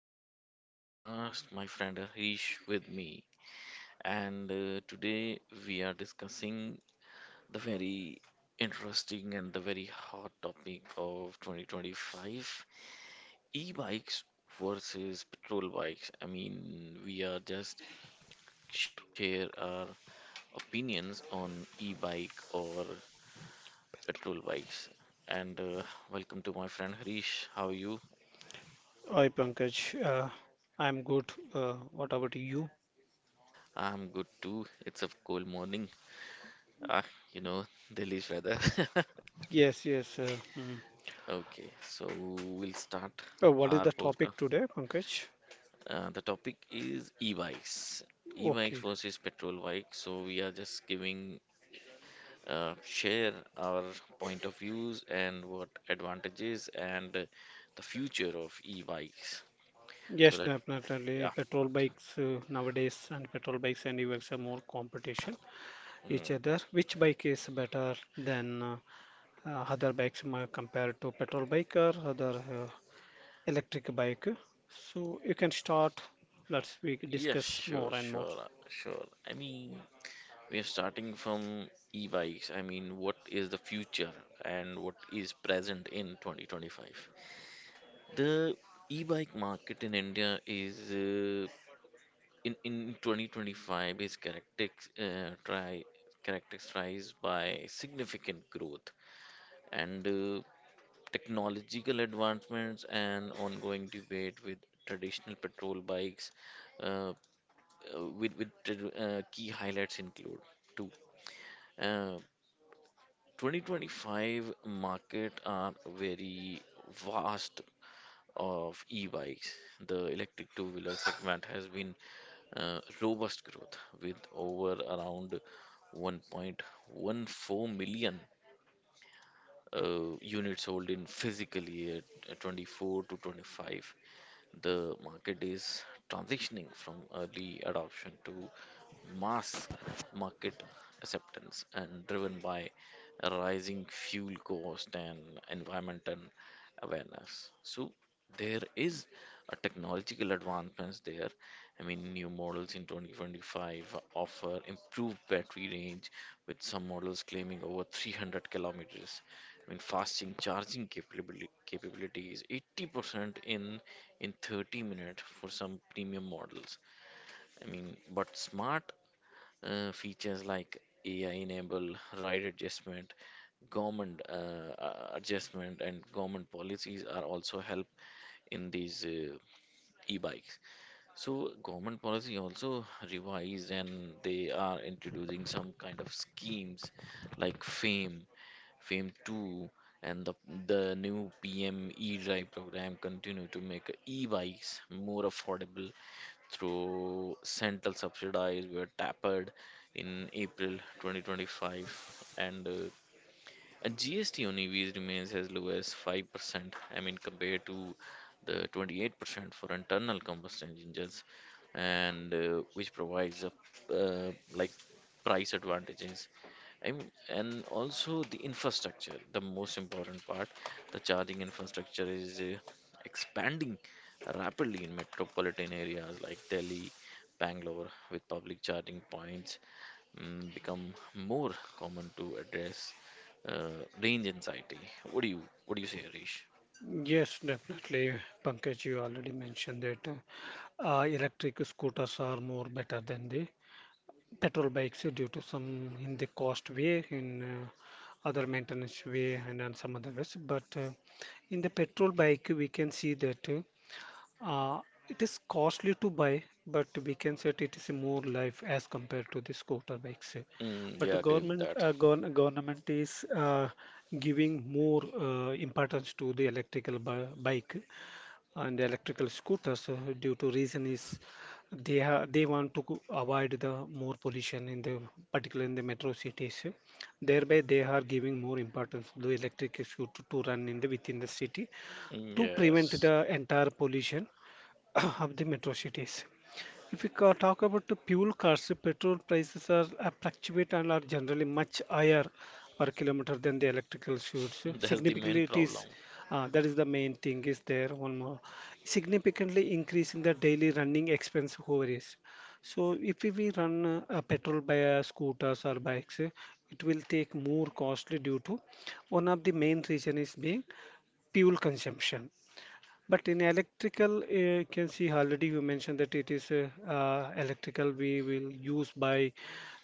an another podcast. My friend Harish with me, and today we are discussing the very interesting and the very hot topic of 2025: e-bikes versus petrol bikes. I mean, we are just share our opinions on e-bike or petrol bikes. And welcome to my friend Harish. How are you? Hi Pankaj, I'm good. What about you? I'm good too. It's a cold morning. Ah, you know, Delhi's weather. Yes, yes. Mm. Okay, so we'll start What is our the podcast. topic today, Pankaj? The topic is e-bikes Okay. versus petrol bikes. So we are just giving share our point of views and what advantages and the future of e-bikes. So Yes, that definitely. yeah, Petrol bikes nowadays, and petrol bikes and e-bikes are more competition each other. mm, Which bike is better than other bikes compared to petrol bike or other electric bike? So you can start. Let's we can yeah, discuss sure, more and more. sure, sure. I mean, we are starting from e-bikes. I mean, what is the future and what is present in 2025? The e-bike market in India is in 2025 is characteris try characterized by significant growth and technological advancements and ongoing debate with traditional petrol bikes uh, key highlights include two uh, 2025 market are very vast of e-bikes. The electric two-wheeler segment has been robust growth with over around 1.14 million units sold in physically at 24 to 25. The market is transitioning from early adoption to mass market acceptance and driven by rising fuel cost and environmental awareness. So there is a technological advancements there. I mean, new models in 2025 offer improved battery range, with some models claiming over 300 kilometers. I mean, fasting charging capability is 80% in 30 minutes for some premium models. I mean, but smart features like AI enable ride adjustment, government adjustment, and government policies are also help in these e-bikes. So government policy also revised and they are introducing some kind of schemes like FAME, FAME 2, and the new PM e-drive program continue to make e-bikes more affordable through central subsidized were tapered in April 2025, and GST on EVs remains as low as 5%, I mean, compared to the 28% for internal combustion engines, and which provides a like price advantages. I mean, and also the infrastructure, the most important part, the charging infrastructure is expanding rapidly in metropolitan areas like Delhi, Bangalore, with public charging points become more common to address range anxiety. What do you what do you say, Harish? Yes, definitely. Pankaj, you already mentioned it. Electric scooters are more better than the petrol bikes due to some in the cost way, in other maintenance way, and on some other ways. But in the petrol bike, we can see that uh, it is costly to buy, but we can say that it is more life as compared to the scooter bikes. Mm, But the yeah, agree with government, that. Government is giving more importance to the electrical bi bike and electrical scooters due to reason is they want to avoid the more pollution in the particular in the metro cities, thereby they are giving more importance to the electric scooter to run in the within the city Mm, to prevent yes. the entire pollution of the metro cities. If talk about the fuel costs, the petrol prices are fluctuate and are generally much higher per kilometer than the electrical shoots. That's the main Significantly, it problem. is that is the main thing is there. One more, significantly increasing the daily running expense over is. So if we run a petrol by a scooters or bikes, it will take more costly due to one of the main reason is being fuel consumption. But in electrical, you can see already you mentioned that it is electrical we will use by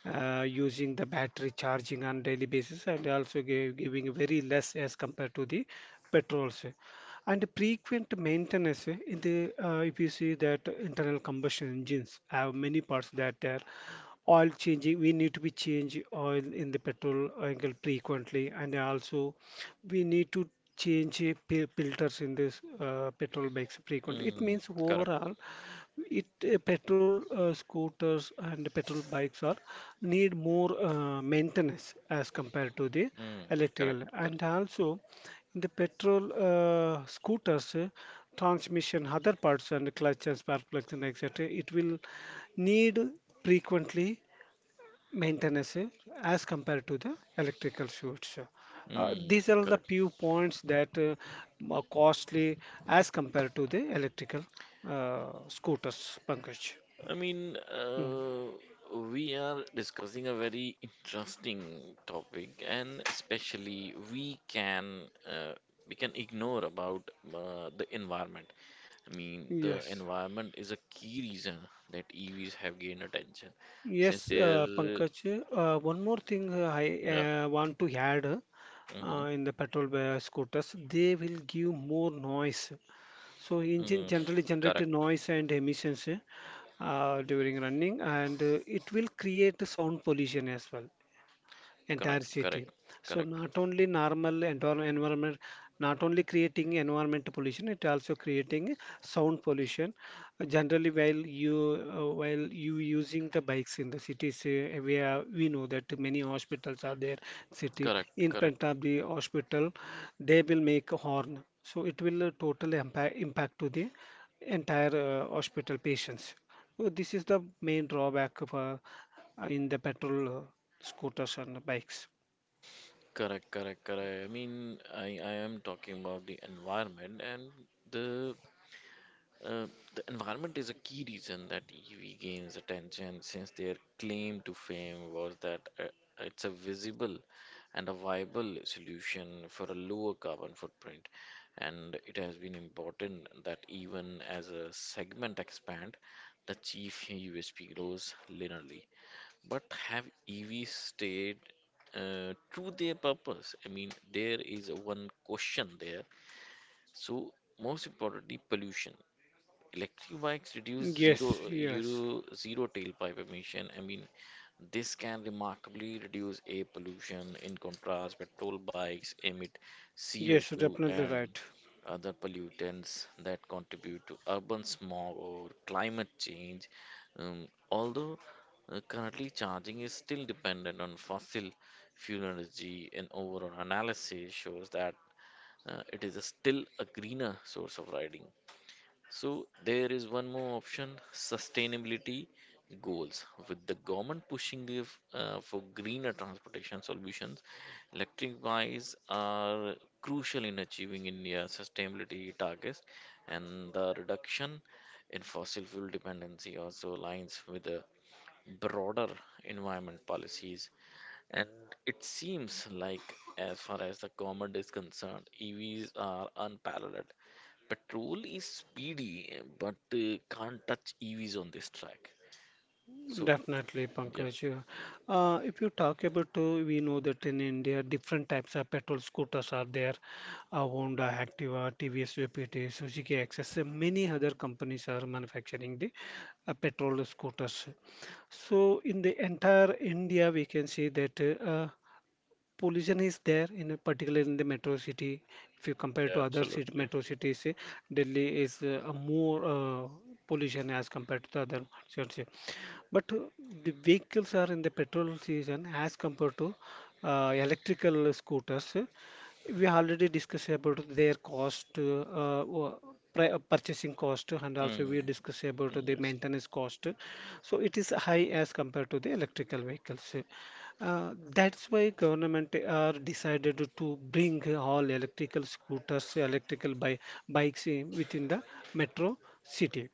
using the battery charging on daily basis and also giving very less as compared to the petrols. And frequent maintenance in the if you see that internal combustion engines have many parts that are oil changing, we need to be change oil in the petrol angle frequently, and also we need to change filters in this petrol bikes frequently. It Mm, means correct. overall, it petrol scooters and petrol bikes are need more maintenance as compared to the Mm, correct. electrical. And Correct. also, in the petrol scooters, transmission, other parts and clutch and spark plugs and etc. It will need frequently maintenance as compared to the electrical suits. Mm, These are the correct. few points that are costly as compared to the electrical scooters, Pankaj. I mean, Mm. We are discussing a very interesting topic, and especially we can ignore about the environment. I mean, the Yes, environment is a key reason that EVs have gained attention since yes, their Pankaj. One more thing uh, I Yeah. uh, want to add Mm-hmm. in the petrol scooters, they will give more noise. So engine Mm. generally generate Correct. noise and emissions, during running, and it will create sound pollution as well entire Correct. Correct. city. So Correct. not only normal environment, not only creating environment pollution, it also creating sound pollution. Generally, while you using the bikes in the cities, we are, we know that many hospitals are there. City Correct. in Correct. front of the hospital, they will make a horn. So it will totally impact to the entire hospital patients. So this is the main drawback of in the petrol scooters and bikes. Correct. Correct. Correct. I mean, I am talking about the environment and the Uh, the environment is a key reason that EV gains attention since their claim to fame was that it's a visible and a viable solution for a lower carbon footprint. And it has been important that even as a segment expand, the chief USP grows linearly. But have EVs stayed to their purpose? I mean, there is one question there. So, most importantly, pollution. Electric bikes reduce Yes, yes, zero tailpipe emission. I mean, this can remarkably reduce air pollution. In contrast, petrol bikes emit yes, CO2 definitely and right. other pollutants that contribute to urban smog or climate change. Although currently charging is still dependent on fossil fuel energy, an overall analysis shows that it is a still a greener source of riding. So there is one more option, sustainability goals. With the government pushing for greener transportation solutions, electric bikes are crucial in achieving India's sustainability targets, and the reduction in fossil fuel dependency also aligns with the broader environment policies. And it seems like, as far as the government is concerned, EVs are unparalleled. Petrol is speedy, but can't touch EVs on this track. So, Definitely, yeah, Pankaj. If you talk about, we know that in India, different types of petrol scooters are there. Honda, Activa, TVS, VPT, Suzuki XS, and many other companies are manufacturing the petrol scooters. So in the entire India, we can see that pollution is there in a particular in the metro city. If you compare yeah, to other city, absolutely. metro cities, Delhi is a more pollution as compared to the other cities, but the vehicles are in the petrol season as compared to electrical scooters, we already discussed about their cost purchasing cost, and also Mm, we discussed about the yes, maintenance cost, so it is high as compared to the electrical vehicles. That's why government are decided to bring all electrical scooters, electrical bi bikes in, within the metro city.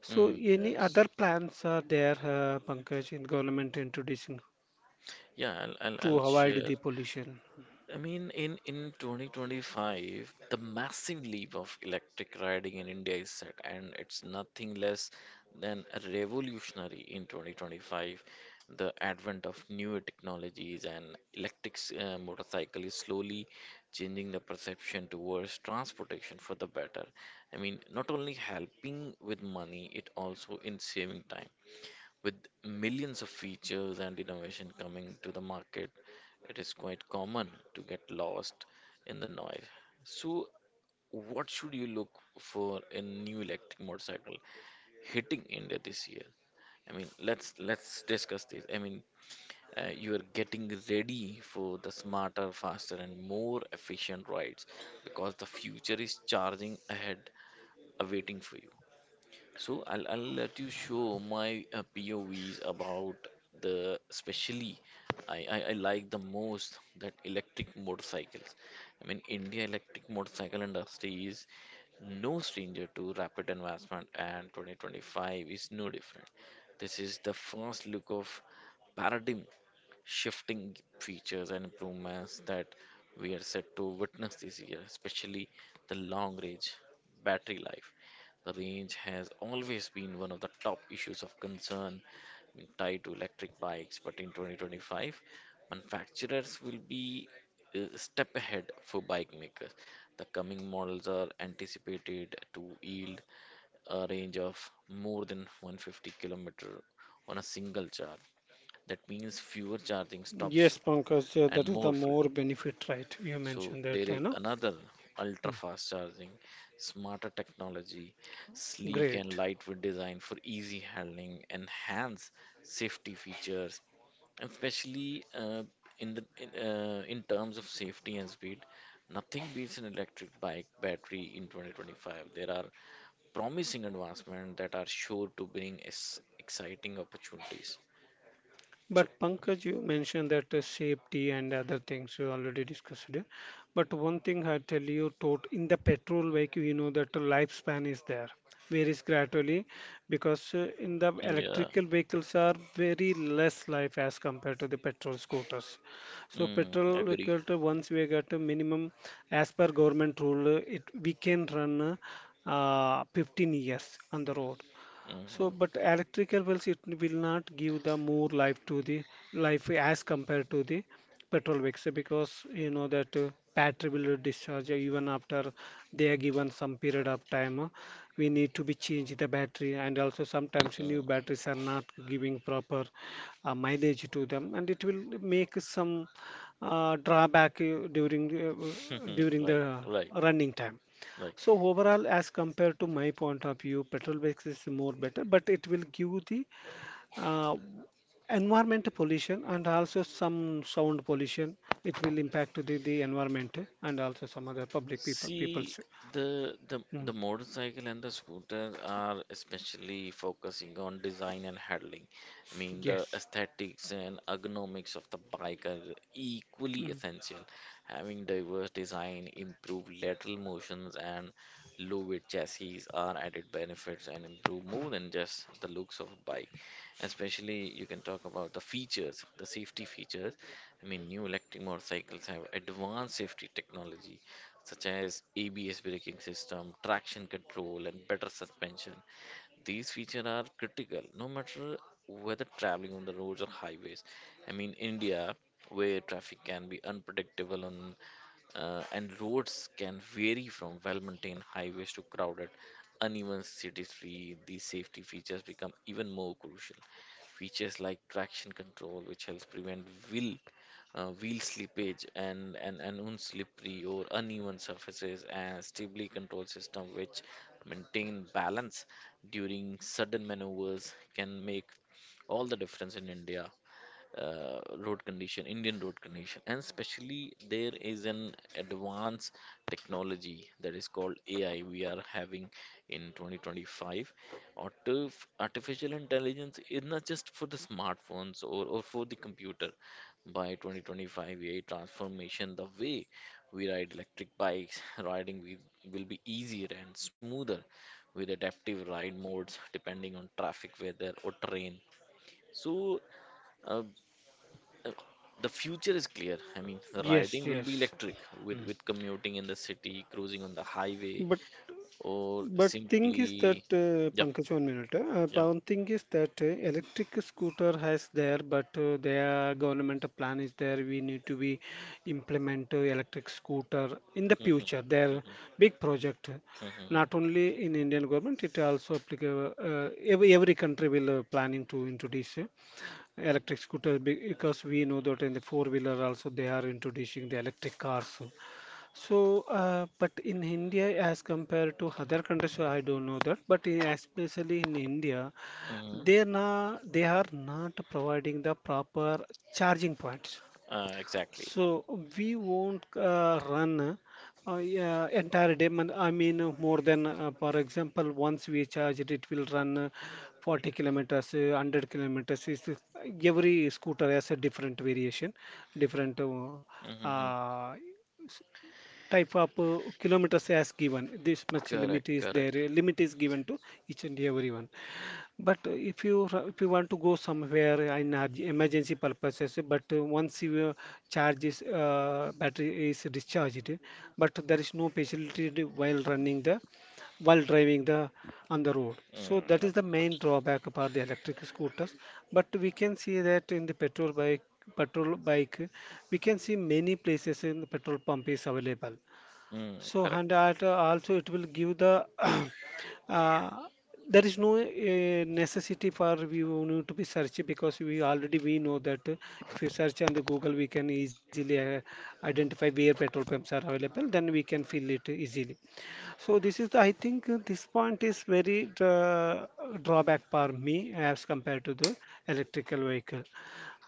So mm, any other yes. plans are there, Pankaj, in government introducing Yeah, to I'll avoid share. the pollution? I mean, in 2025, the massive leap of electric riding in India is set, and it's nothing less than revolutionary in 2025. The advent of newer technologies and motorcycle is slowly changing the perception towards transportation for the better. I mean, not only helping with money, it also in saving time. With millions of features and innovation coming to the market, it is quite common to get lost in the noise. So, what should you look for in new electric motorcycle hitting India this year? I mean, let's discuss this. I mean, you are getting ready for the smarter, faster, and more efficient rides because the future is charging ahead, awaiting for you. So I'll let you show my POVs about the especially I like the most that electric motorcycles. I mean, India electric motorcycle industry is no stranger to rapid advancement and 2025 is no different. This is the first look of paradigm shifting features and improvements that we are set to witness this year, especially the long range battery life. The range has always been one of the top issues of concern tied to electric bikes, but in 2025, manufacturers will be a step ahead for bike makers. The coming models are anticipated to yield a range of more than 150 kilometer on a single charge, that means fewer charging stops Yes, Pankaj, and that is the more more freedom. benefit, right? You So mentioned that, there you is know. another ultra Mm. fast charging, smarter technology, sleek and Great. lightweight design for easy handling, enhanced safety features, and especially in terms of safety and speed. Nothing beats an electric bike battery in 2025. There are promising advancements that are sure to bring exciting opportunities. So, But Pankaj, you mentioned that safety and other things you already discussed. It. But one thing I tell you, tot in the petrol vehicle, you know that the lifespan is there, varies gradually, because in the yeah, electrical vehicles are very less life as compared to the petrol scooters. So mm, petrol agree. vehicle, to once we get a minimum, as per government rule, it we can run 15 years on the road. So, Mhm, but electrical wells it will not give the more life to the life as compared to the petrol vehicles, because you know that battery will discharge even after they are given some period of time. We need to be change the battery, and also sometimes new batteries are not giving proper mileage to them, and it will make some drawback during mhm. during the Right, right, running time. right. So overall, as compared to my point of view, petrol bikes is more better, but it will give the uh, environment pollution and also some sound pollution. It will impact the environment and also some other public people See, people's. The Mm. motorcycle and the scooter are especially focusing on design and handling. I mean, the Yes. aesthetics and ergonomics of the bike are equally Mm. essential. Having diverse design, improved lateral motions, and low weight chassis are added benefits and improve more than just the looks of a bike. Especially, you can talk about the safety features. I mean, new electric motorcycles have advanced safety technology such as ABS braking system, traction control, and better suspension. These features are critical no matter whether traveling on the roads or highways. I mean, India, where traffic can be unpredictable and roads can vary from well maintained highways to crowded, uneven cities, free, these safety features become even more crucial features like traction control, which helps prevent wheel wheel slippage and unslippery or uneven surfaces, and stability control system, which maintain balance during sudden maneuvers, can make all the difference in Indian road condition, and especially there is an advanced technology that is called AI we are having in 2025. Artificial intelligence is not just for the smartphones or for the computer. By 2025, AI transformation, the way we ride electric bikes, riding will be easier and smoother with adaptive ride modes depending on traffic, weather, or terrain. So, uh, uh, the future is clear. I mean, the riding Yes. will be Yes. electric with commuting in the city, cruising on the highway, But or But thing is that, simply, yeah, Pankaj, 1 minute. Yeah. But thing is that electric scooter has there, but their government plan is there. We need to be implement electric scooter in the Mhm, future. Their mhm, big project, not mhm, only in Indian government, it also applicable. Every every country will planning to introduce electric scooter because we know that in the four wheeler also they are introducing the electric cars. So, but in India, as compared to other countries, so I don't know that. But in, especially in India, mhm. They are not providing the proper charging points. Exactly. So we won't run yeah, entire day. I mean, more than for example, once we charge it, it will run 40 kilometers, 100 kilometers. It's, every scooter has a different variation, different. Hmm. uh, Type of kilometers as given this much Correct, limit is there, correct. a limit is given to each and every one. But if you want to go somewhere in emergency purposes, but once your charge is battery is discharged, but there is no facility to while running the, while driving the, on the road, so Mm, that is the main drawback about the electric scooters. But we can see that in the petrol bike, we can see many places in the petrol pump is available. mm, So correct. and that also it will give the uh, there is no necessity for we will need to be search, because we already we know that if you search on the Google, we can easily identify where petrol pumps are available, then we can fill it easily. So this is the, I think this point is very drawback for me as compared to the electrical vehicle.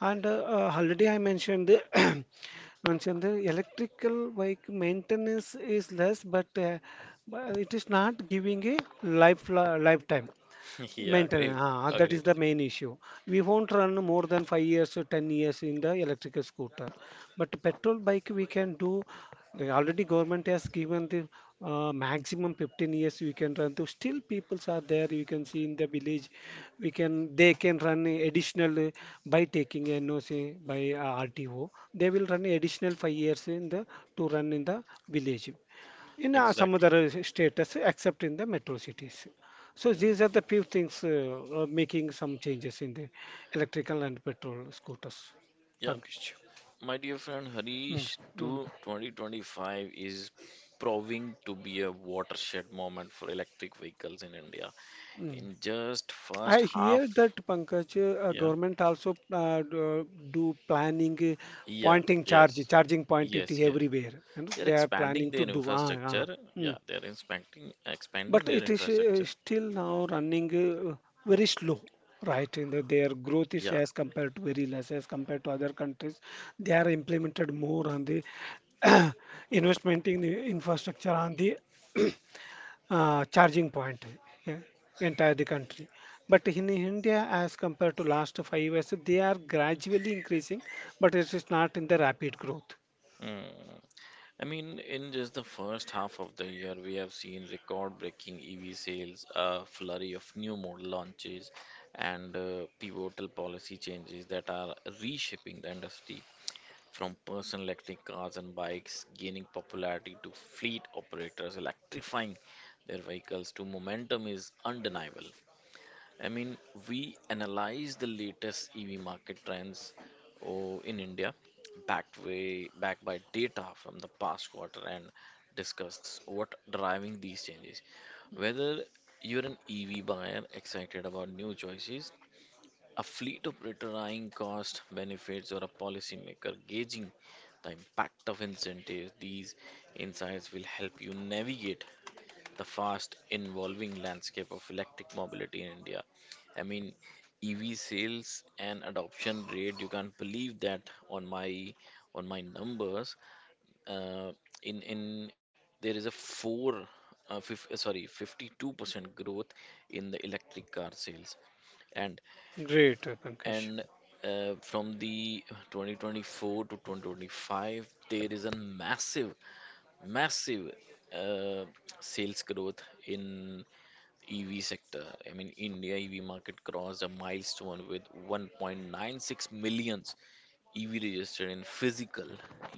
And already I mentioned the mentioned the electrical vehicle maintenance is less, but it is not giving a life lifetime. Yeah, agree, Maintenance, ah, that agree is with the you. main issue. We won't run more than 5 years or 10 years in the electrical scooter. But petrol bike we can do. Already government has given the maximum 15 years we can run. To still peoples are there. You can see in the village, we can they can run a additional by taking NOC by RTO. They will run additional 5 years in the to run in the village in some Exactly. other status except in the metro cities. So these are Mhm. the few things making some changes in the electrical and petrol scooters. Yeah, Pankaj. my dear friend Mm, Harish, mm, to 2025 is proving to be a watershed moment for electric vehicles in India. mm. In just first I half, hear that Pankaj, yeah, government also do planning yeah, yes, charging point it yes, yes. everywhere. You know, They're they are expanding planning to their do. Ah, ah. infrastructure. Hmm. Yeah, they're expanding But their it is infrastructure. still now running very slow, right? In the, their growth is Yeah. as compared to very less as compared to other countries. They are implemented more on the investment in the infrastructure on the charging point yeah, entire the country. But in India, as compared to last 5 years, they are gradually increasing, but it is not in the rapid growth. Mm. I mean, in just the first half of the year, we have seen record-breaking EV sales, a flurry of new model launches, and pivotal policy changes that are reshaping the industry. From personal electric cars and bikes gaining popularity to fleet operators electrifying their vehicles to momentum is undeniable. I mean, we analyze the latest EV market trends oh, in India, backed by data from the past quarter, and discuss what driving these changes. Whether you're an EV buyer excited about new choices, a fleet operator eyeing cost benefits, or a policymaker gauging the impact of incentives, these insights will help you navigate the fast evolving landscape of electric mobility in India. I mean, EV sales and adoption rate, you can't believe that on my on my numbers. Uh, in there is a four fif- sorry 52% growth in the electric car sales and Great, Pankaj. and from the 2024 to 2025, there is a massive uh, sales growth in EV sector. I mean, India EV market crossed a milestone with 1.96 million EV registered in physical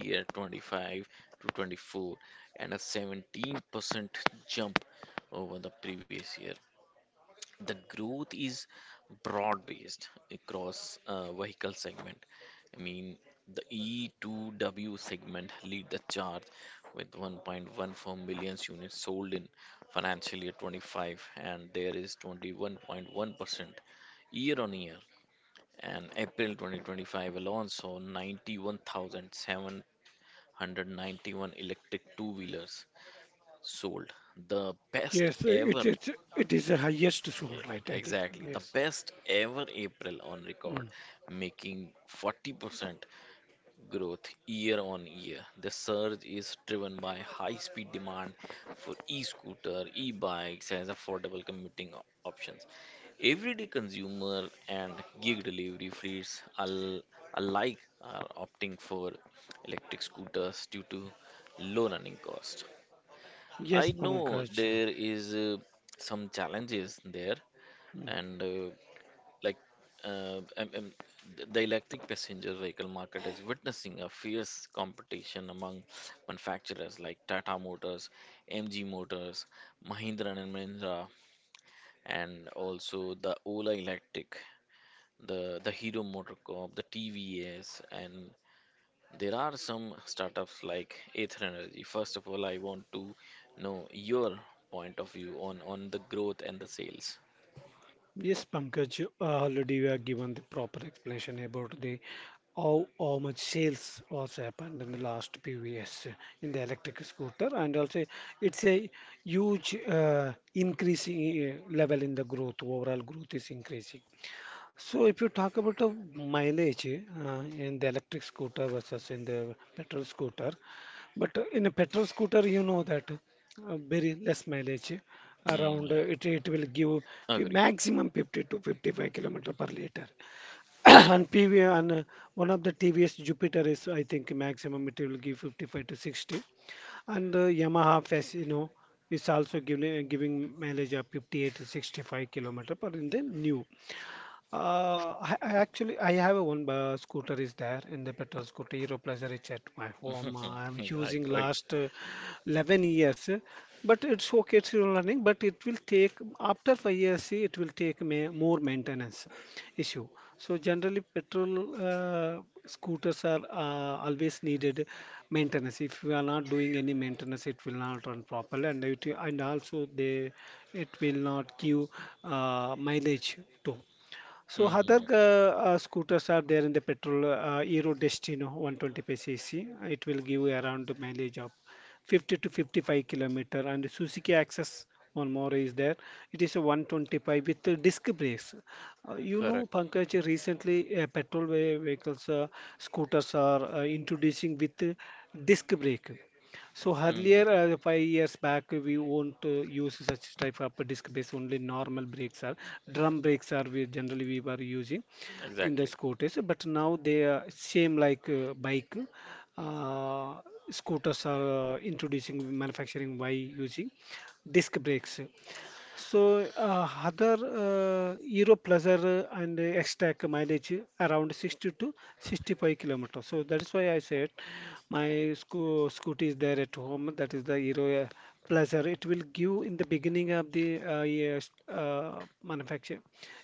year 25 to 24, and a 17% jump over the previous year. The growth is broad-based across vehicle segment. I mean, the E2W segment lead the charge with 1.14 million units sold in financial year 25, and there is 21.1% year on year. And April 2025 alone saw 91,791 electric two-wheelers sold, the best Yes, ever it is the highest soon, E- right? I think. exactly. The Yes. best ever April on record, Mm. making 40% growth year on year. The surge is driven by high speed demand for e scooter, e bikes as affordable commuting options. Everyday consumer and gig delivery fleets alike are opting for electric scooters due to low running cost. Yes, I know Pankaj. there is some challenges there, and like uh, um, um, the electric passenger vehicle market is witnessing a fierce competition among manufacturers like Tata Motors, MG Motors, Mahindra and Mahindra, and also the Ola Electric, the Hero Motor Corp, the TVS, and there are some startups like Aether Energy. First of all, I want to know your point of view on the growth and the sales. Yes, Pankaj, already we are given the proper explanation about the how much sales was happened in the last few years in the electric scooter, and also it's a huge increasing level in the growth. Overall growth is increasing. So if you talk about the mileage in the electric scooter versus in the petrol scooter, but in a petrol scooter, you know that very less mileage Mm, around uh, it, it will give agree. maximum 50 to 55 kilometer per liter. And PV and one of the TVS Jupiter is I think maximum it will give 55 to 60, and Yamaha Fasino is also giving mileage of 58 to 65 kilometer per in the new. I actually I have a one scooter is there in the petrol scooter. Hero Pleasure is at my home. I'm Right, using right. last 11 years, but it's okay. It's still running, but it will take after 5 years. See, it will take ma more maintenance issue. So generally, petrol scooters are always needed maintenance. If you are not doing any maintenance, it will not run properly, and and also they it will not give mileage too. So other Hmm. Scooters are there in the petrol Euro Destino 125 cc. It will give you around the mileage of 50 to 55 kilometer. And Suzuki Access, one more is there. It is a 125 with the disc brakes. You know, Correct. Pankaj, recently petrol vehicles, scooters are introducing with disc brake. So earlier, Mm, 5 years back, we won't use such type of disc brakes. Only normal brakes are drum brakes are we generally we were using in the exactly. scooters. But now they are same like bike. Uh, Scooters are introducing manufacturing by using disc brakes. So, other Euro Pleasure and X-Track mileage around 60 to 65 kilometers. So that is why I said my scooty is there at home. That is the Euro Pleasure. It will give in the beginning of the yes, manufacture.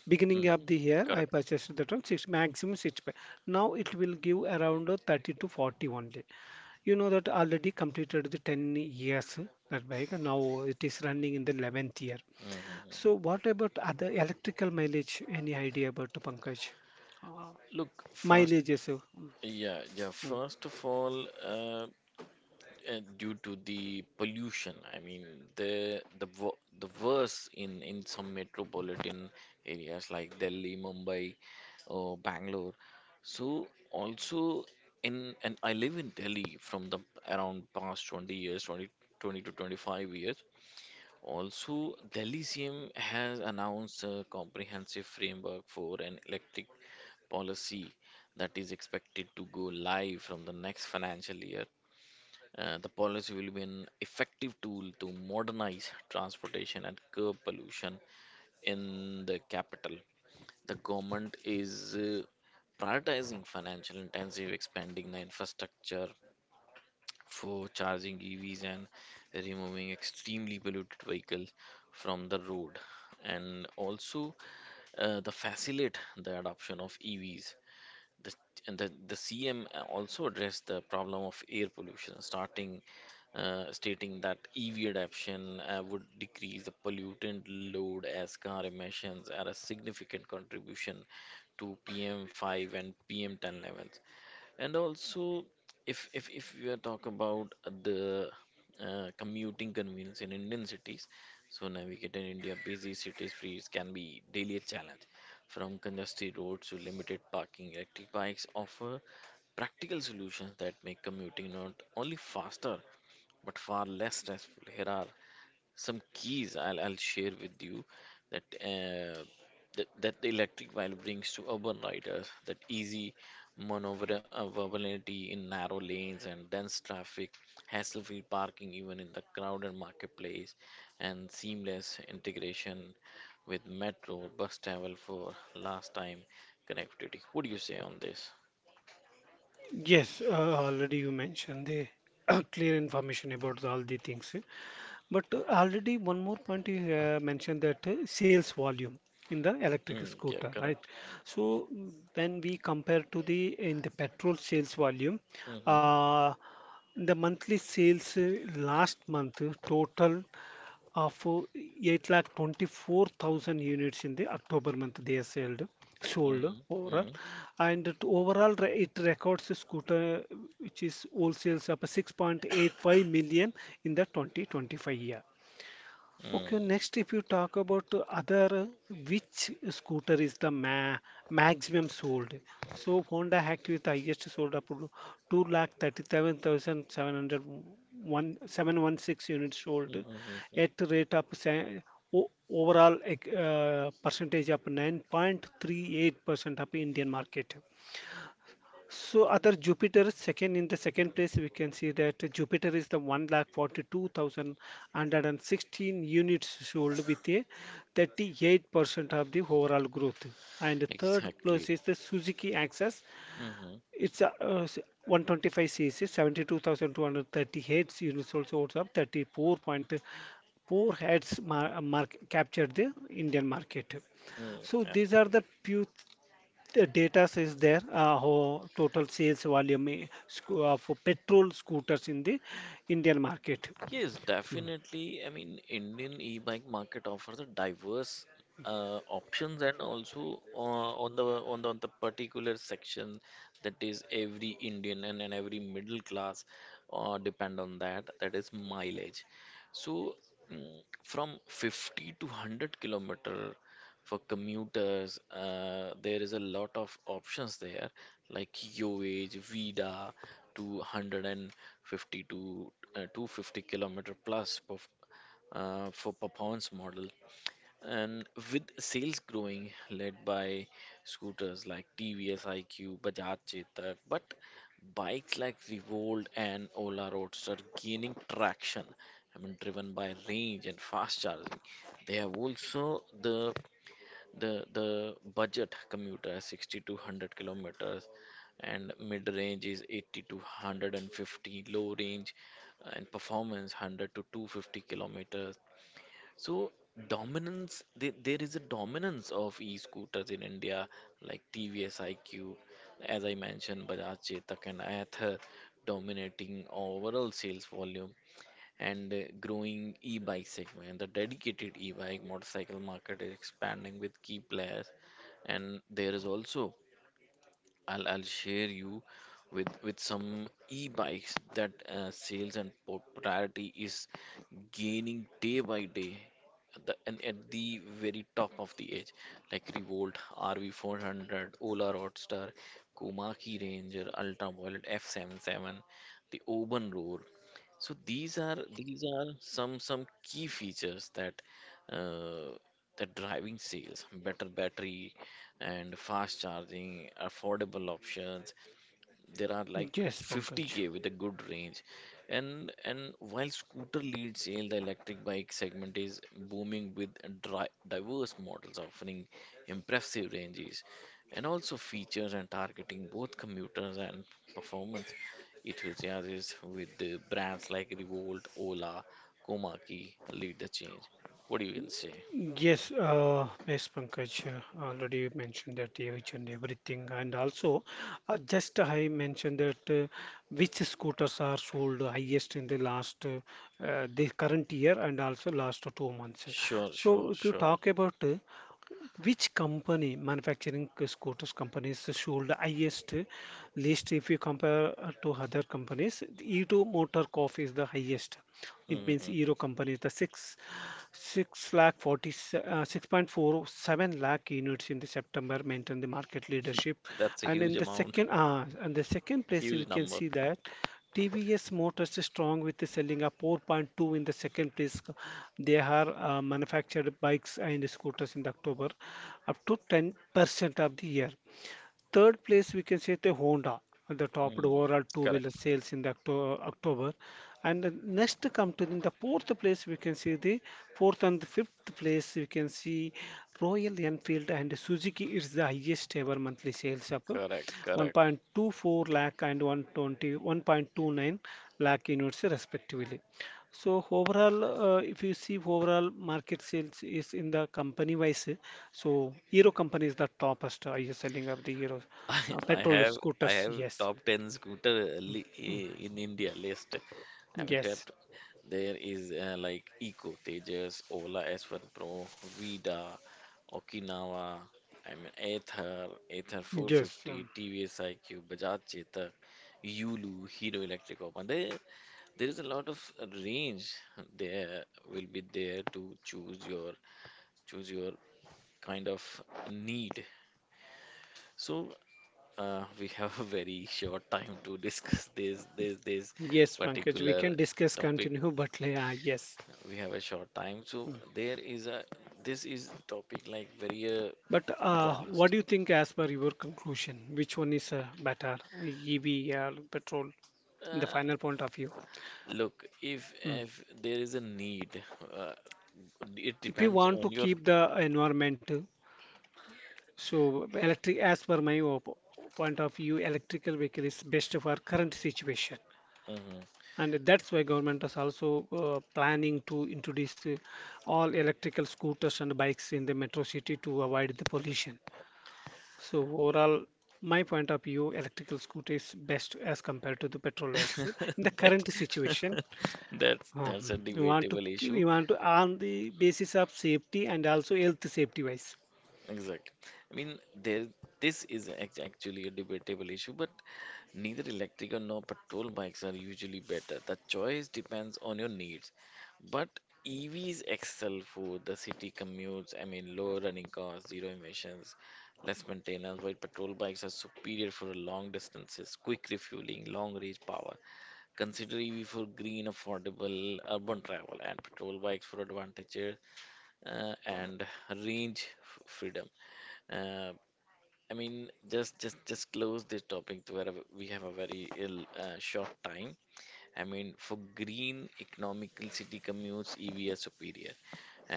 Beginning Mm, of the year, I correct. purchased that 1 6 maximum 65. Now it will give around 30 to 40 only. You know that already completed the 10 years that bike. Now it is running in the 11th year. Hmm. So what about other electrical mileage? Any idea about the Pankaj? Uh, Look, first, Mileage, so. yeah, yeah. First of all, due to the pollution, I mean, the worse in some metropolitan areas like Delhi, Mumbai, or Bangalore. So also in and I live in Delhi from the around past 20 years, 20, 20 to 25 years. Also, the Elysium has announced a comprehensive framework for an electric policy that is expected to go live from the next financial year. The policy will be an effective tool to modernize transportation and curb pollution in the capital. The government is prioritizing financial intensive, expanding the infrastructure, for charging EVs and removing extremely polluted vehicle from the road, and also the facilitate the adoption of EVs the, and the, the CM also addressed the problem of air pollution starting stating that EV adoption would decrease the pollutant load as car emissions are a significant contribution to PM5 and PM10 levels. And also, if we are talk about the commuting convenience in Indian cities, so navigating India busy city streets can be daily a challenge. From congested roads to limited parking, electric bikes offer practical solutions that make commuting not only faster but far less stressful. Here are some keys I'll share with you that the electric vinyl brings to urban riders, that easy maneuverability in narrow lanes and dense traffic, hassle-free parking even in the crowded marketplace, and seamless integration with metro bus travel for last time connectivity. What do you say on this? Yes, already you mentioned the clear information about all the things. But already one more point you mentioned that sales volume in the electric Mm, yeah, scooter, right? correct. So mm, when we compare to the in the petrol sales volume, Mm-hmm, uh, the monthly sales last month total of eight lakh 24 thousand units in the October month they are sold mm-hmm, overall, mm-hmm, and it overall it records a scooter which is all sales up 6.85 million in the 2025 year. mm-hmm, Okay, next, if you talk about the other which scooter is the maximum sold, so Honda Active is the highest sold up to 2 lakh 716 units sold mm-hmm. at the Mm-hmm. rate of overall percentage of 9.38% of Indian market. So other Jupiter second, in the second place we can see that Jupiter is the 1 lakh 1,42,116 units sold with a 38% of the overall growth. And third place Exactly. is the Suzuki Access. Mm-hmm. It's a, 125 cc, 72,238 units, also holds up 34.4 heads mark, captured the Indian market. Hmm, So and- these are and the that- few the data is there, how total sales volume for petrol scooters in the Indian market. yes, Mm. definitely. I mean, Indian e-bike market offers a diverse options, and also on the particular section, that is every Indian, and every middle class depend on that. That is mileage. So mm, from 50 to 100 kilometer for commuters, there is a lot of options there like YoAge, vida, to 150 to 250-kilometer plus per, for performance model, and with sales growing led by scooters like tvs iq bajaj chetak, but bikes like revolt and ola roadster gaining traction. I mean, driven by range and fast charging. They have also the the budget commuter has 60 to 100 kilometers, and mid range is 80 to 150, low range and performance 100 to 250 kilometers. So dominance, there is a dominance of e-scooters in India, like TVS iQ, as I mentioned, Bajaj Chetak and Ather dominating overall sales volume, and growing e-bike segment. The dedicated e-bike motorcycle market is expanding with key players, and there is also I'll share you with some e-bikes that sales and popularity is gaining day by day. At the, and at the very top of the edge, like Revolt, RV400, Ola Roadster, Komaki Ranger, Ultraviolet F77, the Oban Roar, so these are some key features that uh, driving sales, better battery and fast charging, affordable options, there are like Yes, Pankaj. 50K with a good range. And while scooter lead sale, the electric bike segment is booming with diverse models offering impressive ranges and also features, and targeting both commuters and performance enthusiasts, with the brands like revolt ola komaki lead the change. What do you can say? Yes, yes, Pankaj, already mentioned that each and everything, and also just I mentioned that which scooters are sold highest in the last the current year and also last 2 months. Sure, sure, So if you sure. talk about which company, manufacturing scooters companies, should highest list if you compare to other companies? Edo Motor Corp is the highest. It Hmm, means Euro hmm. company is the six lakh 40 6.47 lakh units in the September maintain the market leadership, That's a and huge in the amount. second and the second place we Huge can number. see that. TVS Motors is strong with the selling a 4.2 in the second place. They are manufactured bikes and scooters in the October up to 10% of the year. Third place, we can say the Honda, the top Hmm. overall two-wheeler Correct. sales in the October. And the next come to in the fourth place, we can see the fourth and the fifth place, we can see Royal Enfield and Suzuki is the highest ever monthly sales of Correct, correct. 1.24 lakh and 120, 1.29 lakh units respectively. So overall, if you see overall market sales is in the company wise, so Hero company is the toppest is selling of the Hero I, I petrol have I scooters. have Yes. top ten scooter Mm. In India list. I have Yes, tapped. There is like Eco Tejas, Ola S1 Pro, Vida, Okinawa, I mean Ather, Ather yes, 450, TVS iQ, Bajaj Chetak, Yulu, Hero Electric Open. There is a lot of range there will be there to choose your kind of need. So we have a very short time to discuss this yes, Pankaj. We particular can discuss topic. continue, but yes. We have a short time, so there is a this is topic like very But vast. what do you think as per your conclusion? Which one is better, EV or petrol? In the Uh, final point of view. Look, if Mm. if there is a need, uh, it If you depends want on to your. keep the environment, so electric, as per my point of view, electrical vehicle is best for current situation. Mhm. And that's why government is also planning to introduce all electrical scooters and bikes in the metro city to avoid the pollution. So overall my point of view, electrical scooter is best as compared to the petrol bikes in the That current situation. that's a Mhm. We want to debatable keep, we issue. want to on the basis of safety and also health safety wise. Exact. I mean, there, this is actually a debatable issue, but neither electric or no petrol bikes are usually better. The choice depends on your needs. But EVs excel for the city commutes, I mean, low running costs, zero emissions, less maintenance, while petrol bikes are superior for long distances, quick refueling, long range power. Consider EV for green, affordable urban travel, and petrol bikes for advantages and freedom. Uh, I mean, just close this topic to where we have a very ill short time. I mean, for green economical city commutes, EV are superior,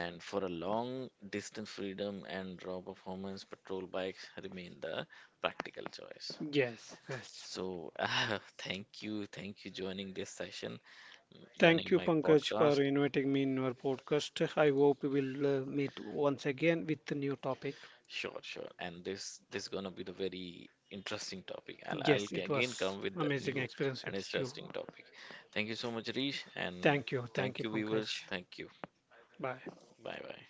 and for a long distance freedom and raw performance, petrol bikes remain the practical choice. Yes, yes. So, thank you, Thank joining you, my Pankaj, podcast. for inviting me in your podcast. I hope we will meet once again with a new topic. Sure, sure. And this is gonna be the very interesting topic. I'll I'll Yes, g- it again was come with the amazing new experience and with you. interesting topic. Thank you so much, Rish, and Thank you. Thank thank you, you, Pankaj. viewers. Thank you. Bye. Bye bye.